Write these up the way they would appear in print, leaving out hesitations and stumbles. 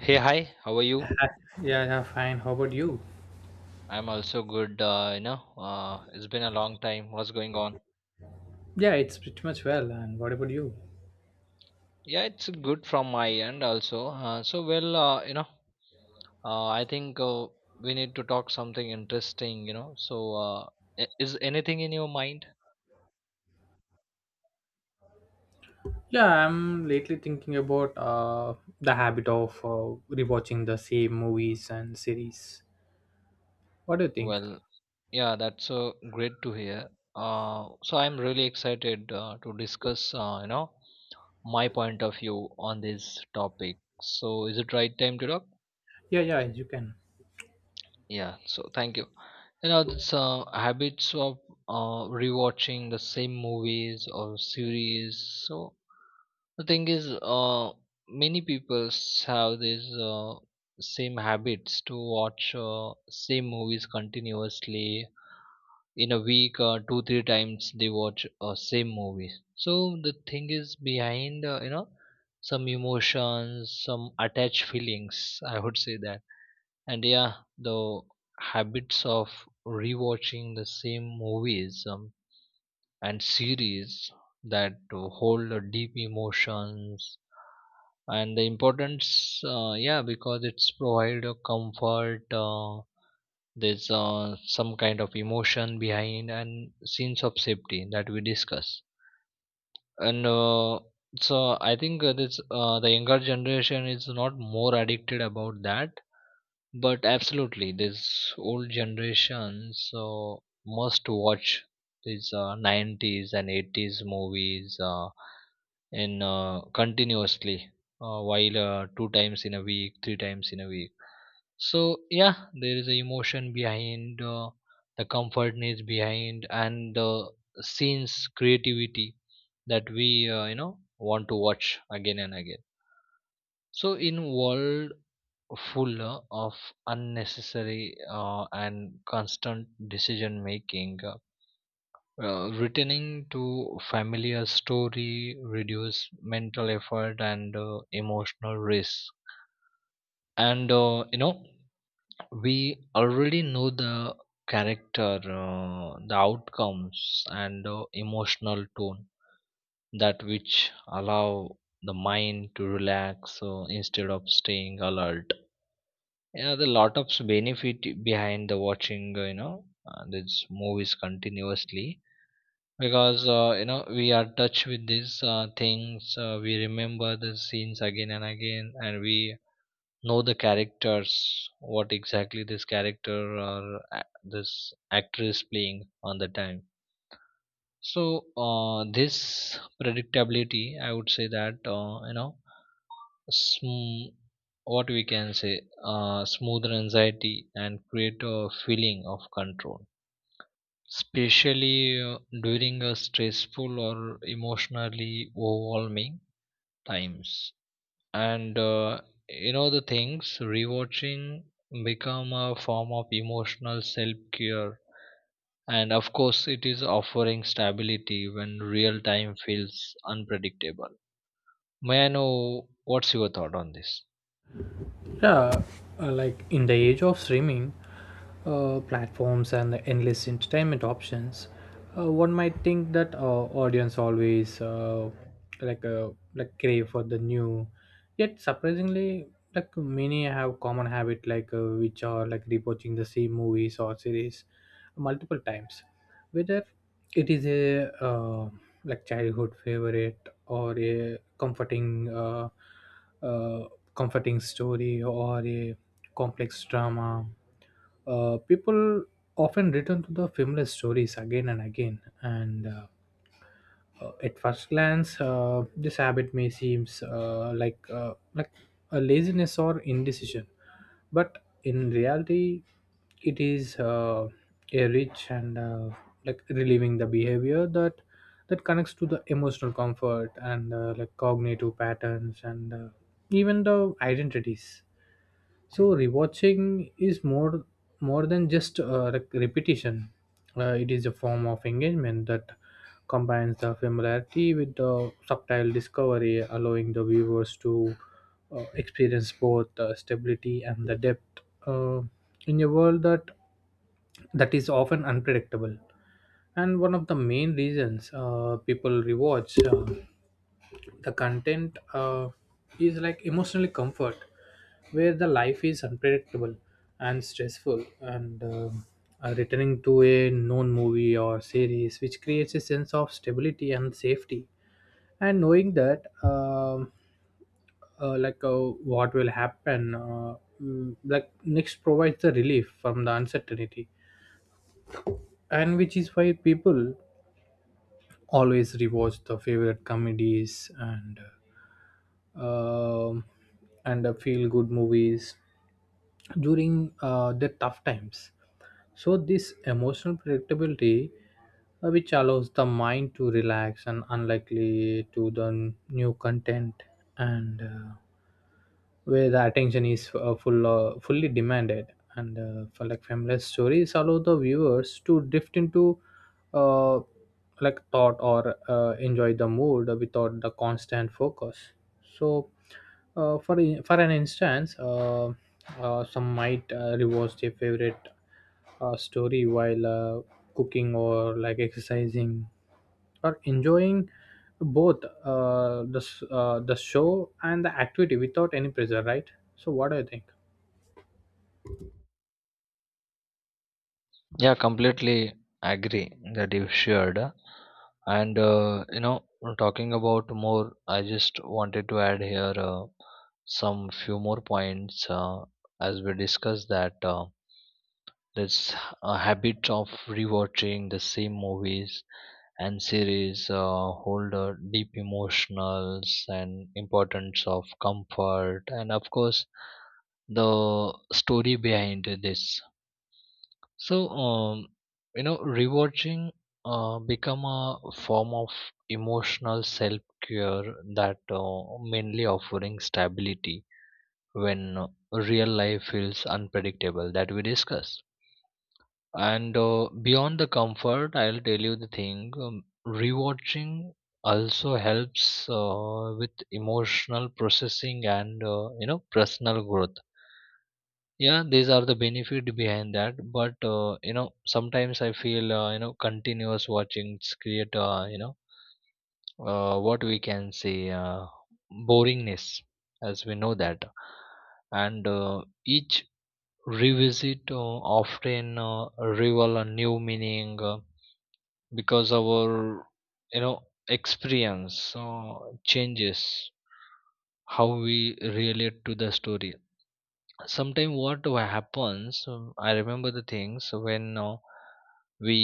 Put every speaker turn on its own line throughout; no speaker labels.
Hey, hi, how are you?
Yeah, yeah, fine. How about you?
I'm also good. It's been a long time. What's going on?
Yeah, it's pretty much well. And what about you?
Yeah, it's good from my end also. I think we need to talk something interesting, you know. Is anything in your mind?
Yeah, I'm lately thinking about the habit of rewatching the same movies and series. What do you think?
Well, yeah, that's great to hear. I'm really excited to discuss, my point of view on this topic. So, is it right time to talk?
Yeah, yeah, you can.
Yeah, so thank you. You know, it's Habits of rewatching the same movies or series. So the thing is, many people have these same habits to watch same movies continuously in a week, 2 3 times they watch same movies. So the thing is behind, some emotions, some attached feelings, I would say that. And yeah, the habits of rewatching the same movies and series that hold a deep emotions and the importance, yeah, because it's provide a comfort. There's some kind of emotion behind and sense of safety that we discuss. And so I think this the younger generation is not more addicted about that, but absolutely, this old generation so must watch these 90s and 80s movies, in continuously, while two times in a week, three times in a week. So yeah, there is a emotion behind, the comfortness behind, and the scenes creativity that we, want to watch again and again. So in world full of unnecessary and constant decision making. Returning to familiar story reduce mental effort and emotional risk. And we already know the character, the outcomes, and emotional tone that which allow the mind to relax instead of staying alert. Yeah, the lot of benefit behind the watching, these movies continuously, because we are touched with these things, we remember the scenes again and again, and we know the characters, what exactly this character or this actress playing on the time. So this predictability, I would say that, sm- what we can say, smoother anxiety and create a feeling of control, especially uh, during a stressful or emotionally overwhelming times. And the things rewatching become a form of emotional self care, and of course it is offering stability when real time feels unpredictable. May I know what's your thought on this?
Yeah, like in the age of streaming, platforms and the endless entertainment options, one might think that audience always like like crave for the new. Yet surprisingly, like many have common habit like which are like rewatching the same movies or series multiple times, whether it is a like childhood favorite or a uh, comforting story or a complex drama. People often return to the familiar stories again and again, and at first glance, this habit may seem like like a laziness or indecision, but in reality, it is a rich and like relieving the behavior that connects to the emotional comfort and like cognitive patterns and even the identities, so rewatching is more than just repetition. It is a form of engagement that combines the familiarity with the subtle discovery, allowing the viewers to experience both the stability and the depth uh, in a world that is often unpredictable. And one of the main reasons people rewatch the content is like emotionally comfort where the life is unpredictable and stressful, and returning to a known movie or series which creates a sense of stability and safety, and knowing that like what will happen like next provides the relief from the uncertainty, and which is why people always rewatch the favorite comedies and um, feel good movies during the tough times. So, this emotional predictability, which allows the mind to relax and unlikely to the new content, and where the attention is fully demanded. And for like familiar stories, allow the viewers to drift into uh, like thought or enjoy the mood without the constant focus. So, for an instance, some might rewatch their favorite story while cooking or like exercising or enjoying both the show and the activity without any pressure, right? So, what do you think?
Yeah, completely agree that you shared. And uh, you know, Talking about more, I just wanted to add here, some few more points, as we discussed that, this habit of rewatching the same movies and series, hold deep emotionals and importance of comfort, and of course the story behind this. So rewatching become a form of emotional self care that mainly offering stability when real life feels unpredictable, that we discuss. And beyond the comfort, I'll tell you the thing. Rewatching also helps with emotional processing and, personal growth. Yeah, these are the benefit behind that. But sometimes I feel, continuous watching create, what we can say, boringness, as we know that. And each revisit often reveal a new meaning, because our, you know experience changes how we relate to the story. Sometimes happens, I remember the things when, we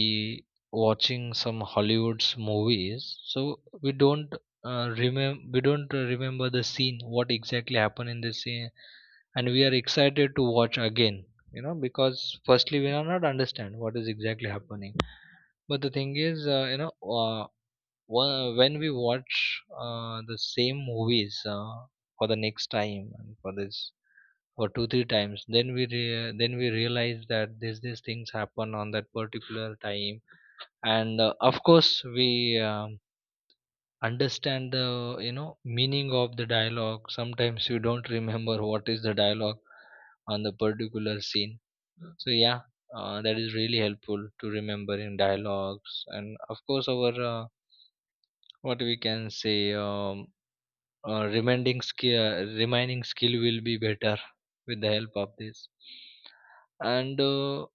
watching some hollywoods movies, so we don't remember, we don't remember the scene, what exactly happened in the scene, and we are excited to watch again, you know, because firstly we are not understand what is exactly happening. But the thing is, you know uh, Wha when we watch the same movies, for the next time, and for this, for 2 3 times, then then we realize that these things happen on that particular time, and of course we, um, understand the, you know meaning of the dialogue. Sometimes you don't remember what is the dialogue on the particular scene. So yeah, that is really helpful to remembering dialogues, and of course our, what we can say uh, remaining skill remaining skill will be better with the help of this. And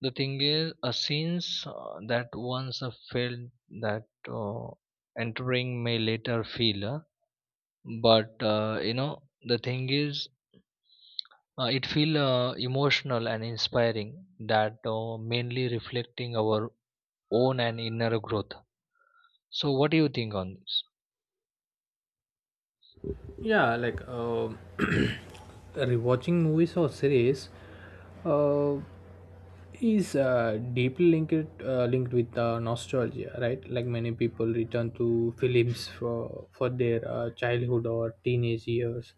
the thing is, since that once I felt that, uh, entering may later feel, but the thing is, it feel emotional and inspiring that mainly reflecting our own and inner growth. So what do you think on this?
Yeah, like rewatching movies or series uh, is deeply linked with nostalgia, right? Like many people return to films for their childhood or teenage years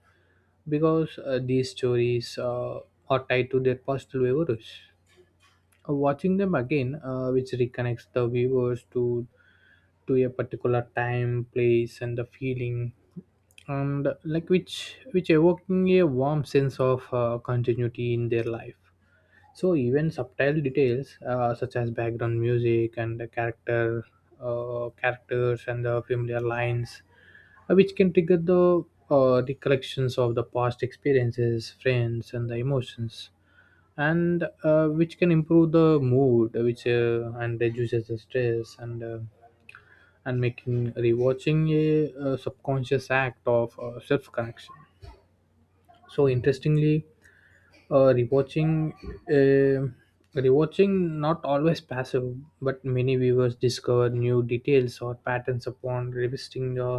because these stories are tied to their personal memories. Watching them again, which reconnects the viewers to a particular time, place, and the feeling, and like which evoking a warm sense of continuity in their life, so even subtle details such as background music and the characters and the familiar lines which can trigger the recollections of the past experiences, friends and the emotions, and which can improve the mood, which and reduces the stress, and making rewatching a subconscious act of self-correction. So interestingly, uh, rewatching uh, rewatching not always passive, but many viewers discover new details or patterns upon revisiting the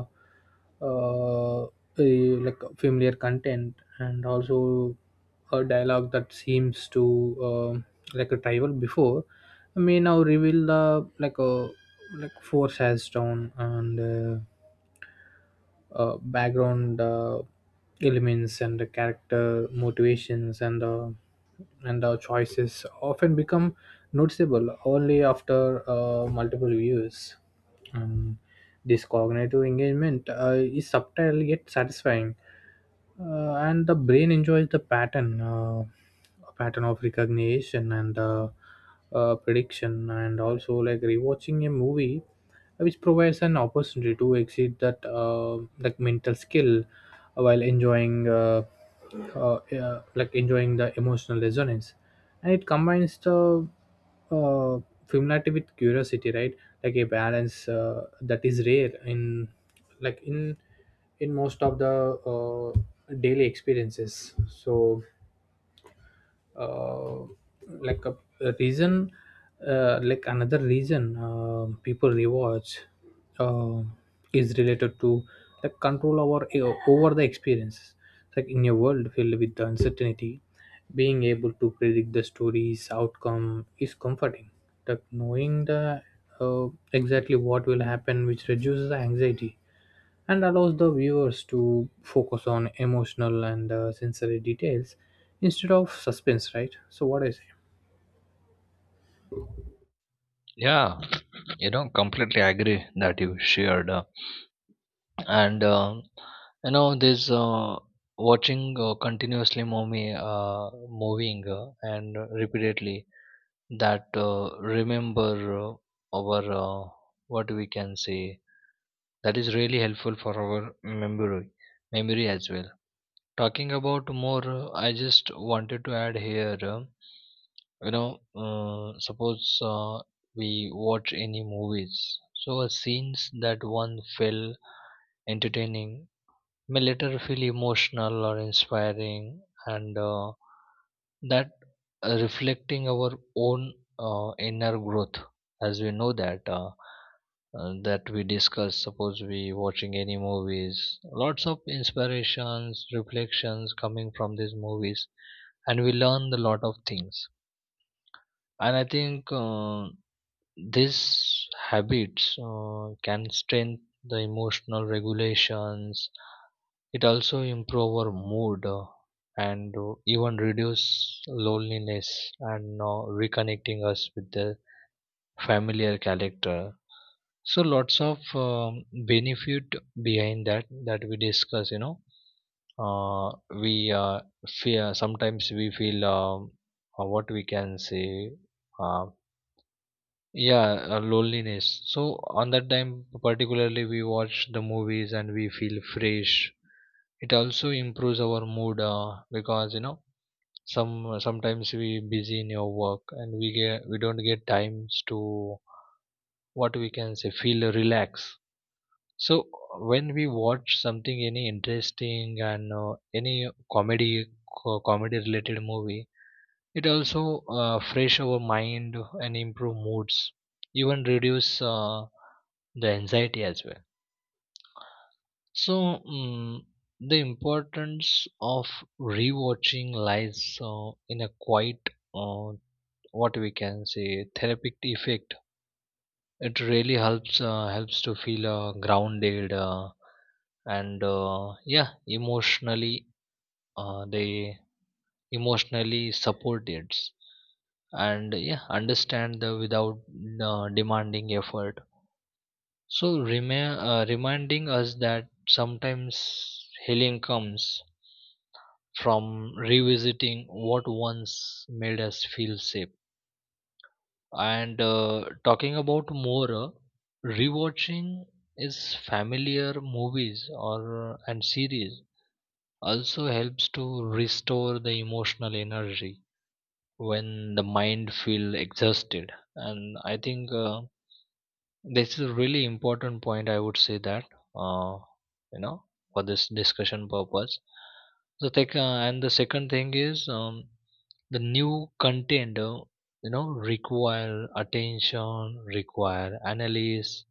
uh, like familiar content, and also a dialogue that seems to um like a rival before may now reveal the like a like force has down, and background elements and the character motivations, and and our choices often become noticeable only after multiple views. Um, this cognitive engagement is subtle yet satisfying, and the brain enjoys the pattern of recognition and prediction, and also like rewatching a movie which provides an opportunity to exceed that like mental skill while uh, enjoying the emotional resonance, and it combines the uh, familiarity with curiosity, right? Like a balance that is rare in like in most of the uh, daily experiences. So uh, like a, a reason, like another reason people rewards uh, is related to like control over the experiences, like in a world filled with uncertainty, being able to predict the story's outcome is comforting, like knowing the exactly what will happen, which reduces the anxiety and allows the viewers to focus on emotional and sensory details instead of suspense, right? So what I say?
Yeah, you know, completely agree that you shared. And uh, this watching continuously movie, moving and repeatedly, that remember our, what we can say, that is really helpful for our memory, memory as well. Talking about more, I just wanted to add here, you know suppose uh, we watch any movies, so a scenes that one feel entertaining may later feel emotional or inspiring, and that reflecting our own inner growth, as we know that, that we discuss. Suppose we watching any movies, lots of inspirations reflections coming from these movies and we learn a lot of things. And I think these habits can strengthen the emotional regulations. It also improve our mood, and even reduce loneliness, and reconnecting us with the familiar character. So lots of benefit behind that that we discuss. You know, uh, we fear sometimes we feel, what we can say, uh, yeah, loneliness. So on that time, particularly we watch the movies and we feel fresh. It also improves our mood because you know, sometimes we busy in your work, and we don't get times to, what we can say, feel relaxed. So when we watch something any interesting and any comedy related movie, it also fresh our mind and improve moods, even reduce the anxiety as well. So the importance of rewatching lies, in a quite, uh, what we can say, therapeutic effect. It really helps, helps to feel grounded, and yeah, emotionally, they emotionally support it, and yeah, understand the, without demanding effort. So, reminding us that sometimes healing comes from revisiting what once made us feel safe. And talking about more, rewatching is familiar movies or, and series, also helps to restore the emotional energy when the mind feel exhausted. And I think this is a really important point, I would say that, uh, you know for this discussion purpose, so take, and the second thing is, the new content, require attention, require analysis,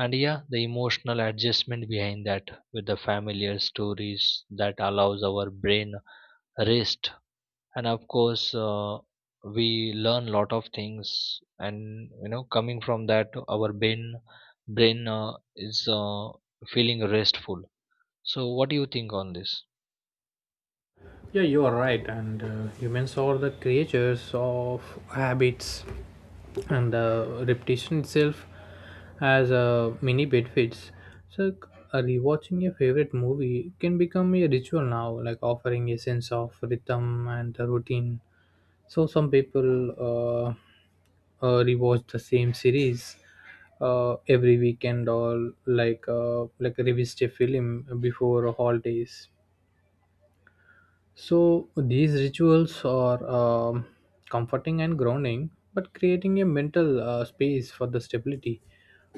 and yeah, the emotional adjustment behind that, with the familiar stories that allows our brain rest. And of course, we learn lot of things, and you know, coming from that, our brain is feeling restful. So what do you think on this?
Yeah, you are right, and humans are the creatures of habits, and repetition itself as many benefits. So, rewatching a favorite movie can become a ritual now, like offering a sense of rhythm and a routine. So, some people rewatch the same series every weekend or like revisit a film before holidays. So these rituals are comforting and grounding, but creating a mental space for the stability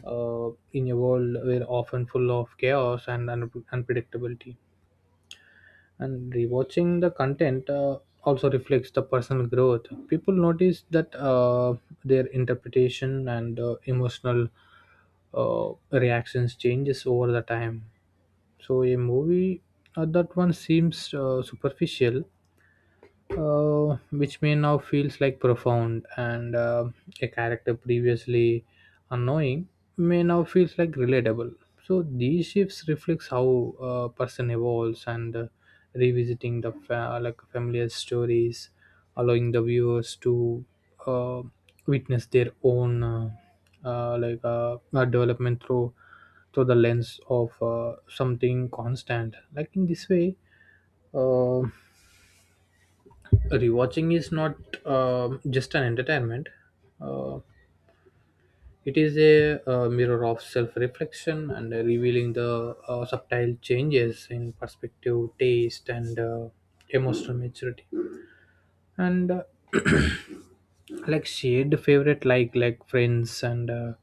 in a world where often full of chaos and unpredictability. And rewatching the content also reflects the personal growth. People notice that their interpretation and emotional reactions changes over the time. So a movie that one seems superficial which may now feels like profound, and a character previously annoying may now feels like relatable, so these shifts reflects how a person evolves, and revisiting the like familiar stories allowing the viewers to uh, witness their own development through the lens of something constant. Like in this way uh, rewatching is not just an entertainment, uh, it is a mirror of self-reflection and revealing the subtle changes in perspective, taste, and emotional maturity. And like shared favorite like friends and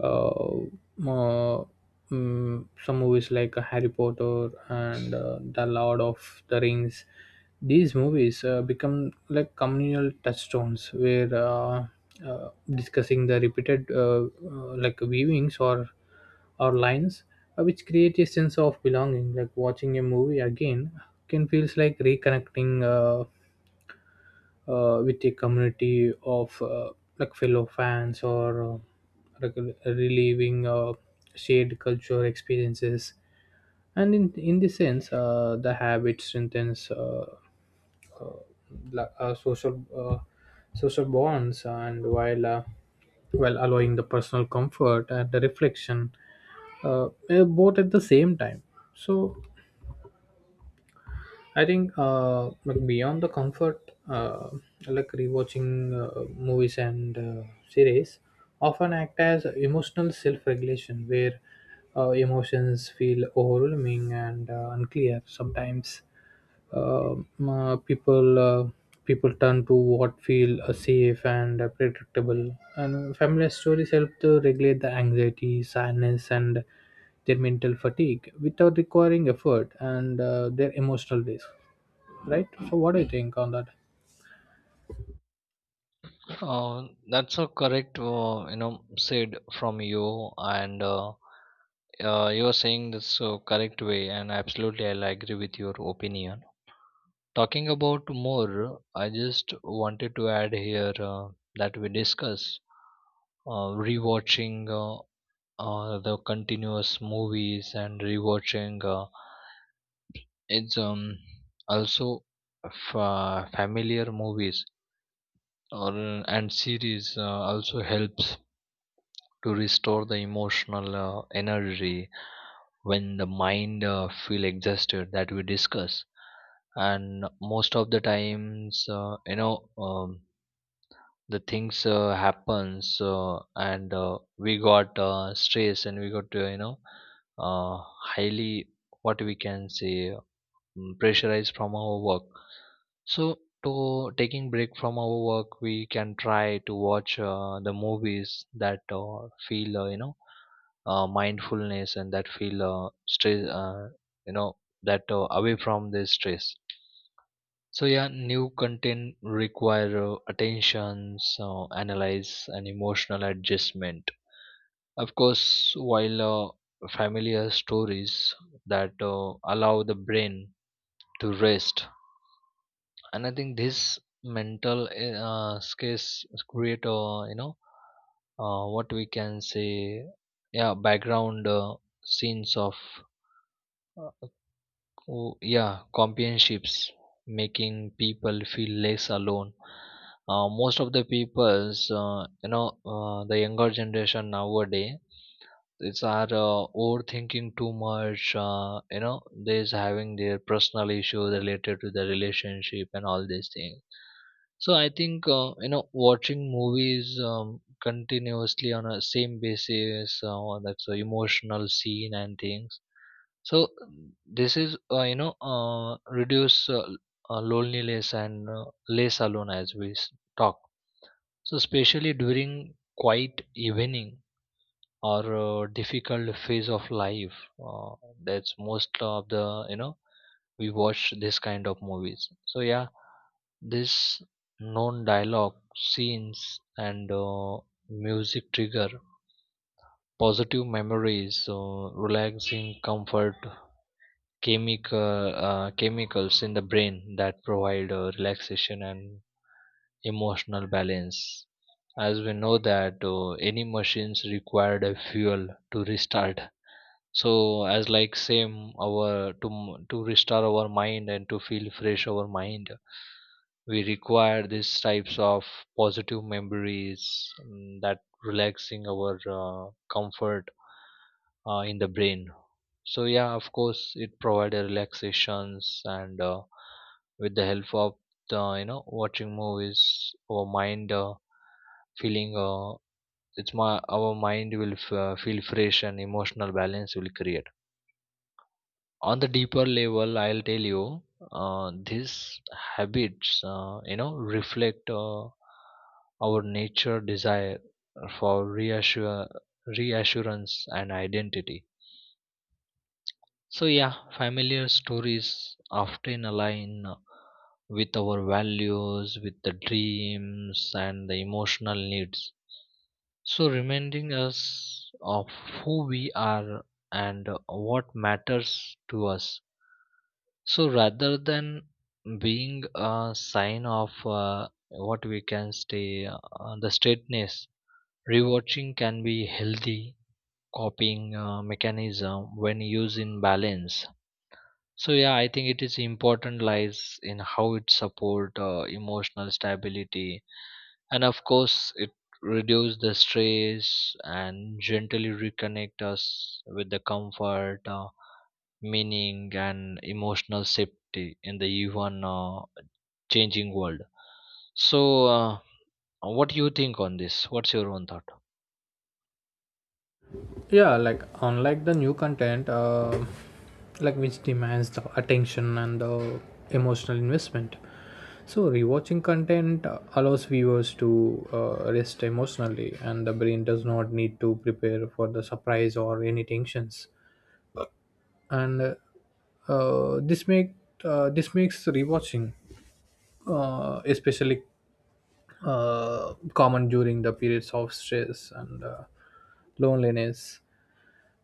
uh, mo- some movies like Harry Potter and The Lord of the Rings. These movies become like communal touchstones where discussing the repeated like viewings or lines which create a sense of belonging, like watching a movie again can feels like reconnecting with a community of like fellow fans or like reliving shared cultural experiences, and in this sense the habit strengthens uh, la- uh, social uh, social bonds, and while while allowing the personal comfort and the reflection both at the same time. So I think like beyond the comfort, like rewatching movies and series often act as emotional self-regulation, where emotions feel overwhelming and unclear. Sometimes uh, uh, people uh, people turn to what feel safe and predictable, and familiar stories help to regulate the anxiety, sadness, and their mental fatigue without requiring effort and their emotional risk, right? So what do you think on that?
Uh, that's a correct, said from you. And You are saying this correct way, and absolutely I'll agree with your opinion. Talking about more, I just wanted to add here, that we discuss, rewatching uh, or the continuous movies and rewatching, it's also familiar movies or, and series, also helps to restore the emotional energy when the mind feel exhausted, that we discuss. And most of the times, the things happens, and we got stress, and we got, uh, highly, what we can say, pressurized from our work. So to taking break from our work, we can try to watch the movies that feel, mindfulness, and that feel stress, you know that away from the stress. So yeah, new content require attention, so analyze and emotional adjustment. Of course, while familiar stories that allow the brain to rest. And I think this mental skills create, what we can say, yeah, background scenes of, uh, oh, yeah, companionships, making people feel less alone. Most of the peoples, the younger generation nowadays, it's are overthinking too much. They's having their personal issues related to the relationship and all these things. So I think you know, watching movies continuously on a same basis, that's a emotional scene and things so this is reduce loneliness and less alone as talk. So especially during quiet evening or difficult phase of life, uh, that's most of the you know we watch this kind of movies. So yeah, this known dialogue, scenes, and music trigger positive memories, so relaxing comfort chemicals in the brain that provide relaxation and emotional balance as we know that any machines required a fuel to restart so as like same our to restore our mind and to feel fresh our mind we require these types of positive memories that relaxing our comfort in the brain. So yeah, of course it provide a relaxations and with the help of the watching movies our mind feeling it's my our mind will feel fresh and emotional balance will create on the deeper level, I'll tell you these habits, reflect our nature desire for reassure reassurance and identity. So yeah, familiar stories often align with our values, with the dreams and the emotional needs, so reminding us of who we are and what matters to us. So, rather than being a sign of what we can say, the straightness, rewatching can be healthy copying mechanism when used in balance. So, yeah, I think it is important lies in how it support emotional stability, and of course it reduce the stress and gently reconnect us with the comfort, meaning and emotional safety in the even changing world. So what do you think on this? What's your own thought?
Yeah, like unlike the new content like which demands the attention and the emotional investment, so rewatching content allows viewers to rest emotionally, and the brain does not need to prepare for the surprise or any tensions, and uh, this make this makes rewatching especially common during the periods of stress and loneliness,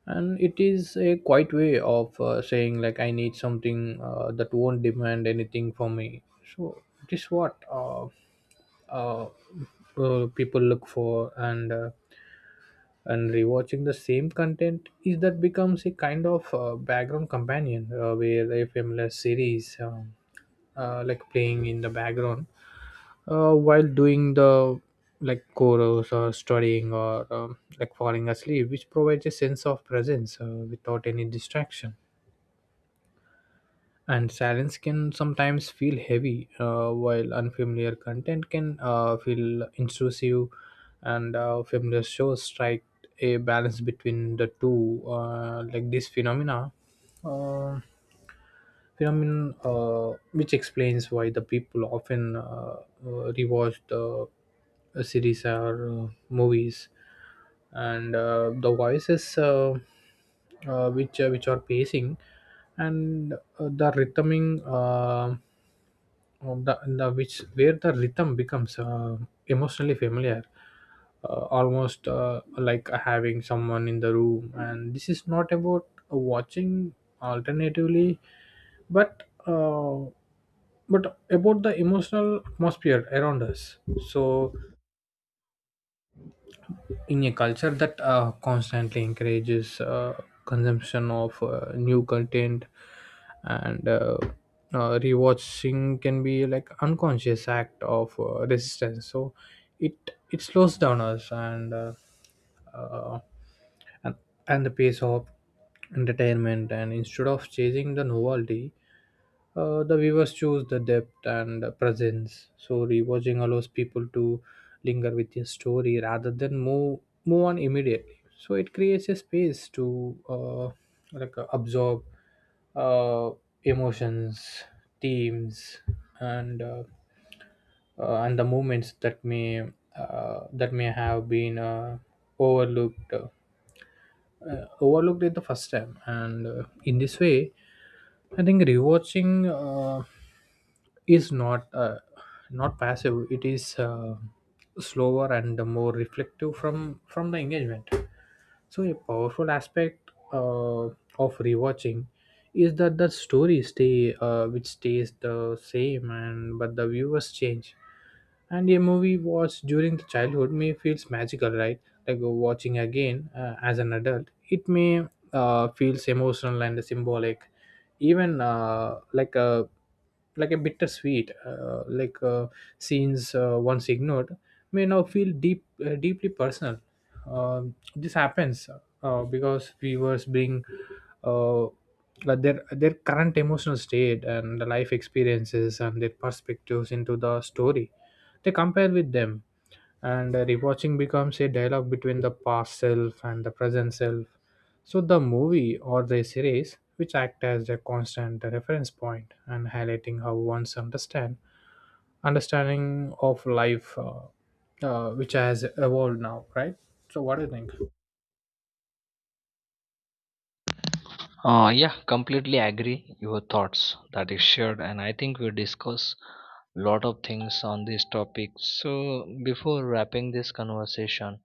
and it is a quiet way of saying like I need something that won't demand anything for me. So it is what uh, people look for, and rewatching the same content is that becomes a kind of background companion where a familiar series like playing in the background while doing the like chorus or studying or like falling asleep, which provides a sense of presence without any distraction, and silence can sometimes feel heavy while unfamiliar content can feel intrusive, and familiar shows strike a balance between the two. Uh, like this phenomena uh, phenomenon which explains why the people often rewatch the series or movies, and the voices which which are pacing and the rhythming of the which where the rhythm becomes emotionally familiar, almost like having someone in the room, and this is not about watching alternatively, but but about the emotional atmosphere around us. So in a culture that constantly encourages consumption of new content, and rewatching can be like unconscious act of resistance, so it slows down us, and uh, and and the pace of entertainment, and instead of chasing the novelty the viewers choose the depth and presence. So rewatching allows people to linger with a story rather than move on immediately. So it creates a space to uh, absorb uh, emotions, themes, and and the moments that may have been overlooked uh, overlooked it the first time, and in this way I think rewatching is not passive, it is slower and more reflective from the engagement. So, a powerful aspect of rewatching is that the story stays the same, and but the viewers change. And a movie watched during the childhood may feels magical, right? Like watching again as an adult, it may feels emotional and symbolic, even like a bittersweet scenes once ignored may now feel deeply personal. Um this happens because viewers bring uh, like their current emotional state and the life experiences and their perspectives into the story, they compare with them, and rewatching becomes a dialogue between the past self and the present self. So, the movie or the series which act as a constant reference point and highlighting how one's understand understanding of life which has evolved now, right? So, what do you think?
Yeah, completely agree your thoughts that is shared, and I think we discuss lot of things on this topic. So before wrapping this conversation,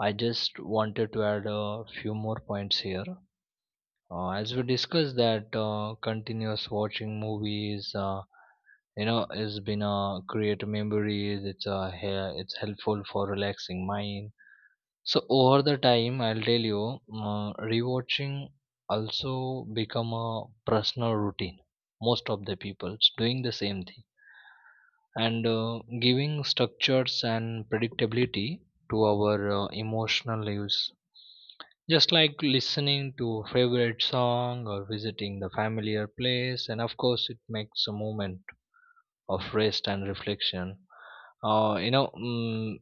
I just wanted to add a few more points here. As we discussed that continuous watching movies, has been create memories. It's it's helpful for relaxing mind. So over the time, I'll tell you, rewatching also become a personal routine. Most of the people's doing the same thing and giving structures and predictability to our emotional lives, just like listening to a favorite song or visiting the familiar place, and of course, it makes a moment of rest and reflection. Uh, you know, mm,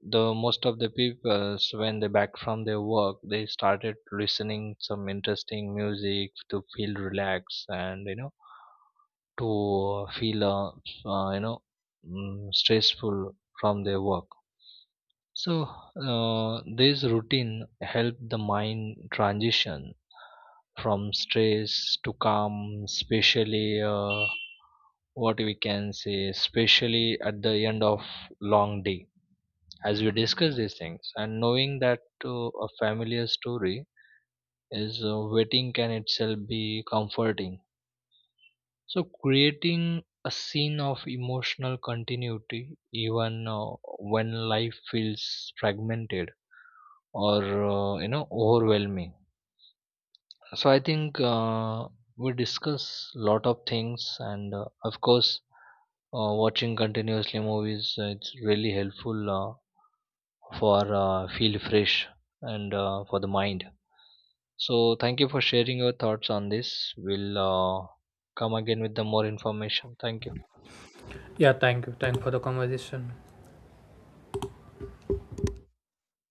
the most of the people, when they back from their work, they started listening some interesting music to feel relaxed, and you know, to feel uh, you know stressful from their work. So this routine helped the mind transition from stress to calm, especially what we can say, especially at the end of long day, as we discuss these things, and knowing that a familiar story is waiting can itself be comforting. So creating a scene of emotional continuity, even when life feels fragmented or overwhelming. So I think we discuss lot of things, and of course watching continuously movies it's really helpful for feel fresh and for the mind. So thank you for sharing your thoughts on this. We'll come again with the more information. Thank you.
Yeah, thank you. Thank for the conversation.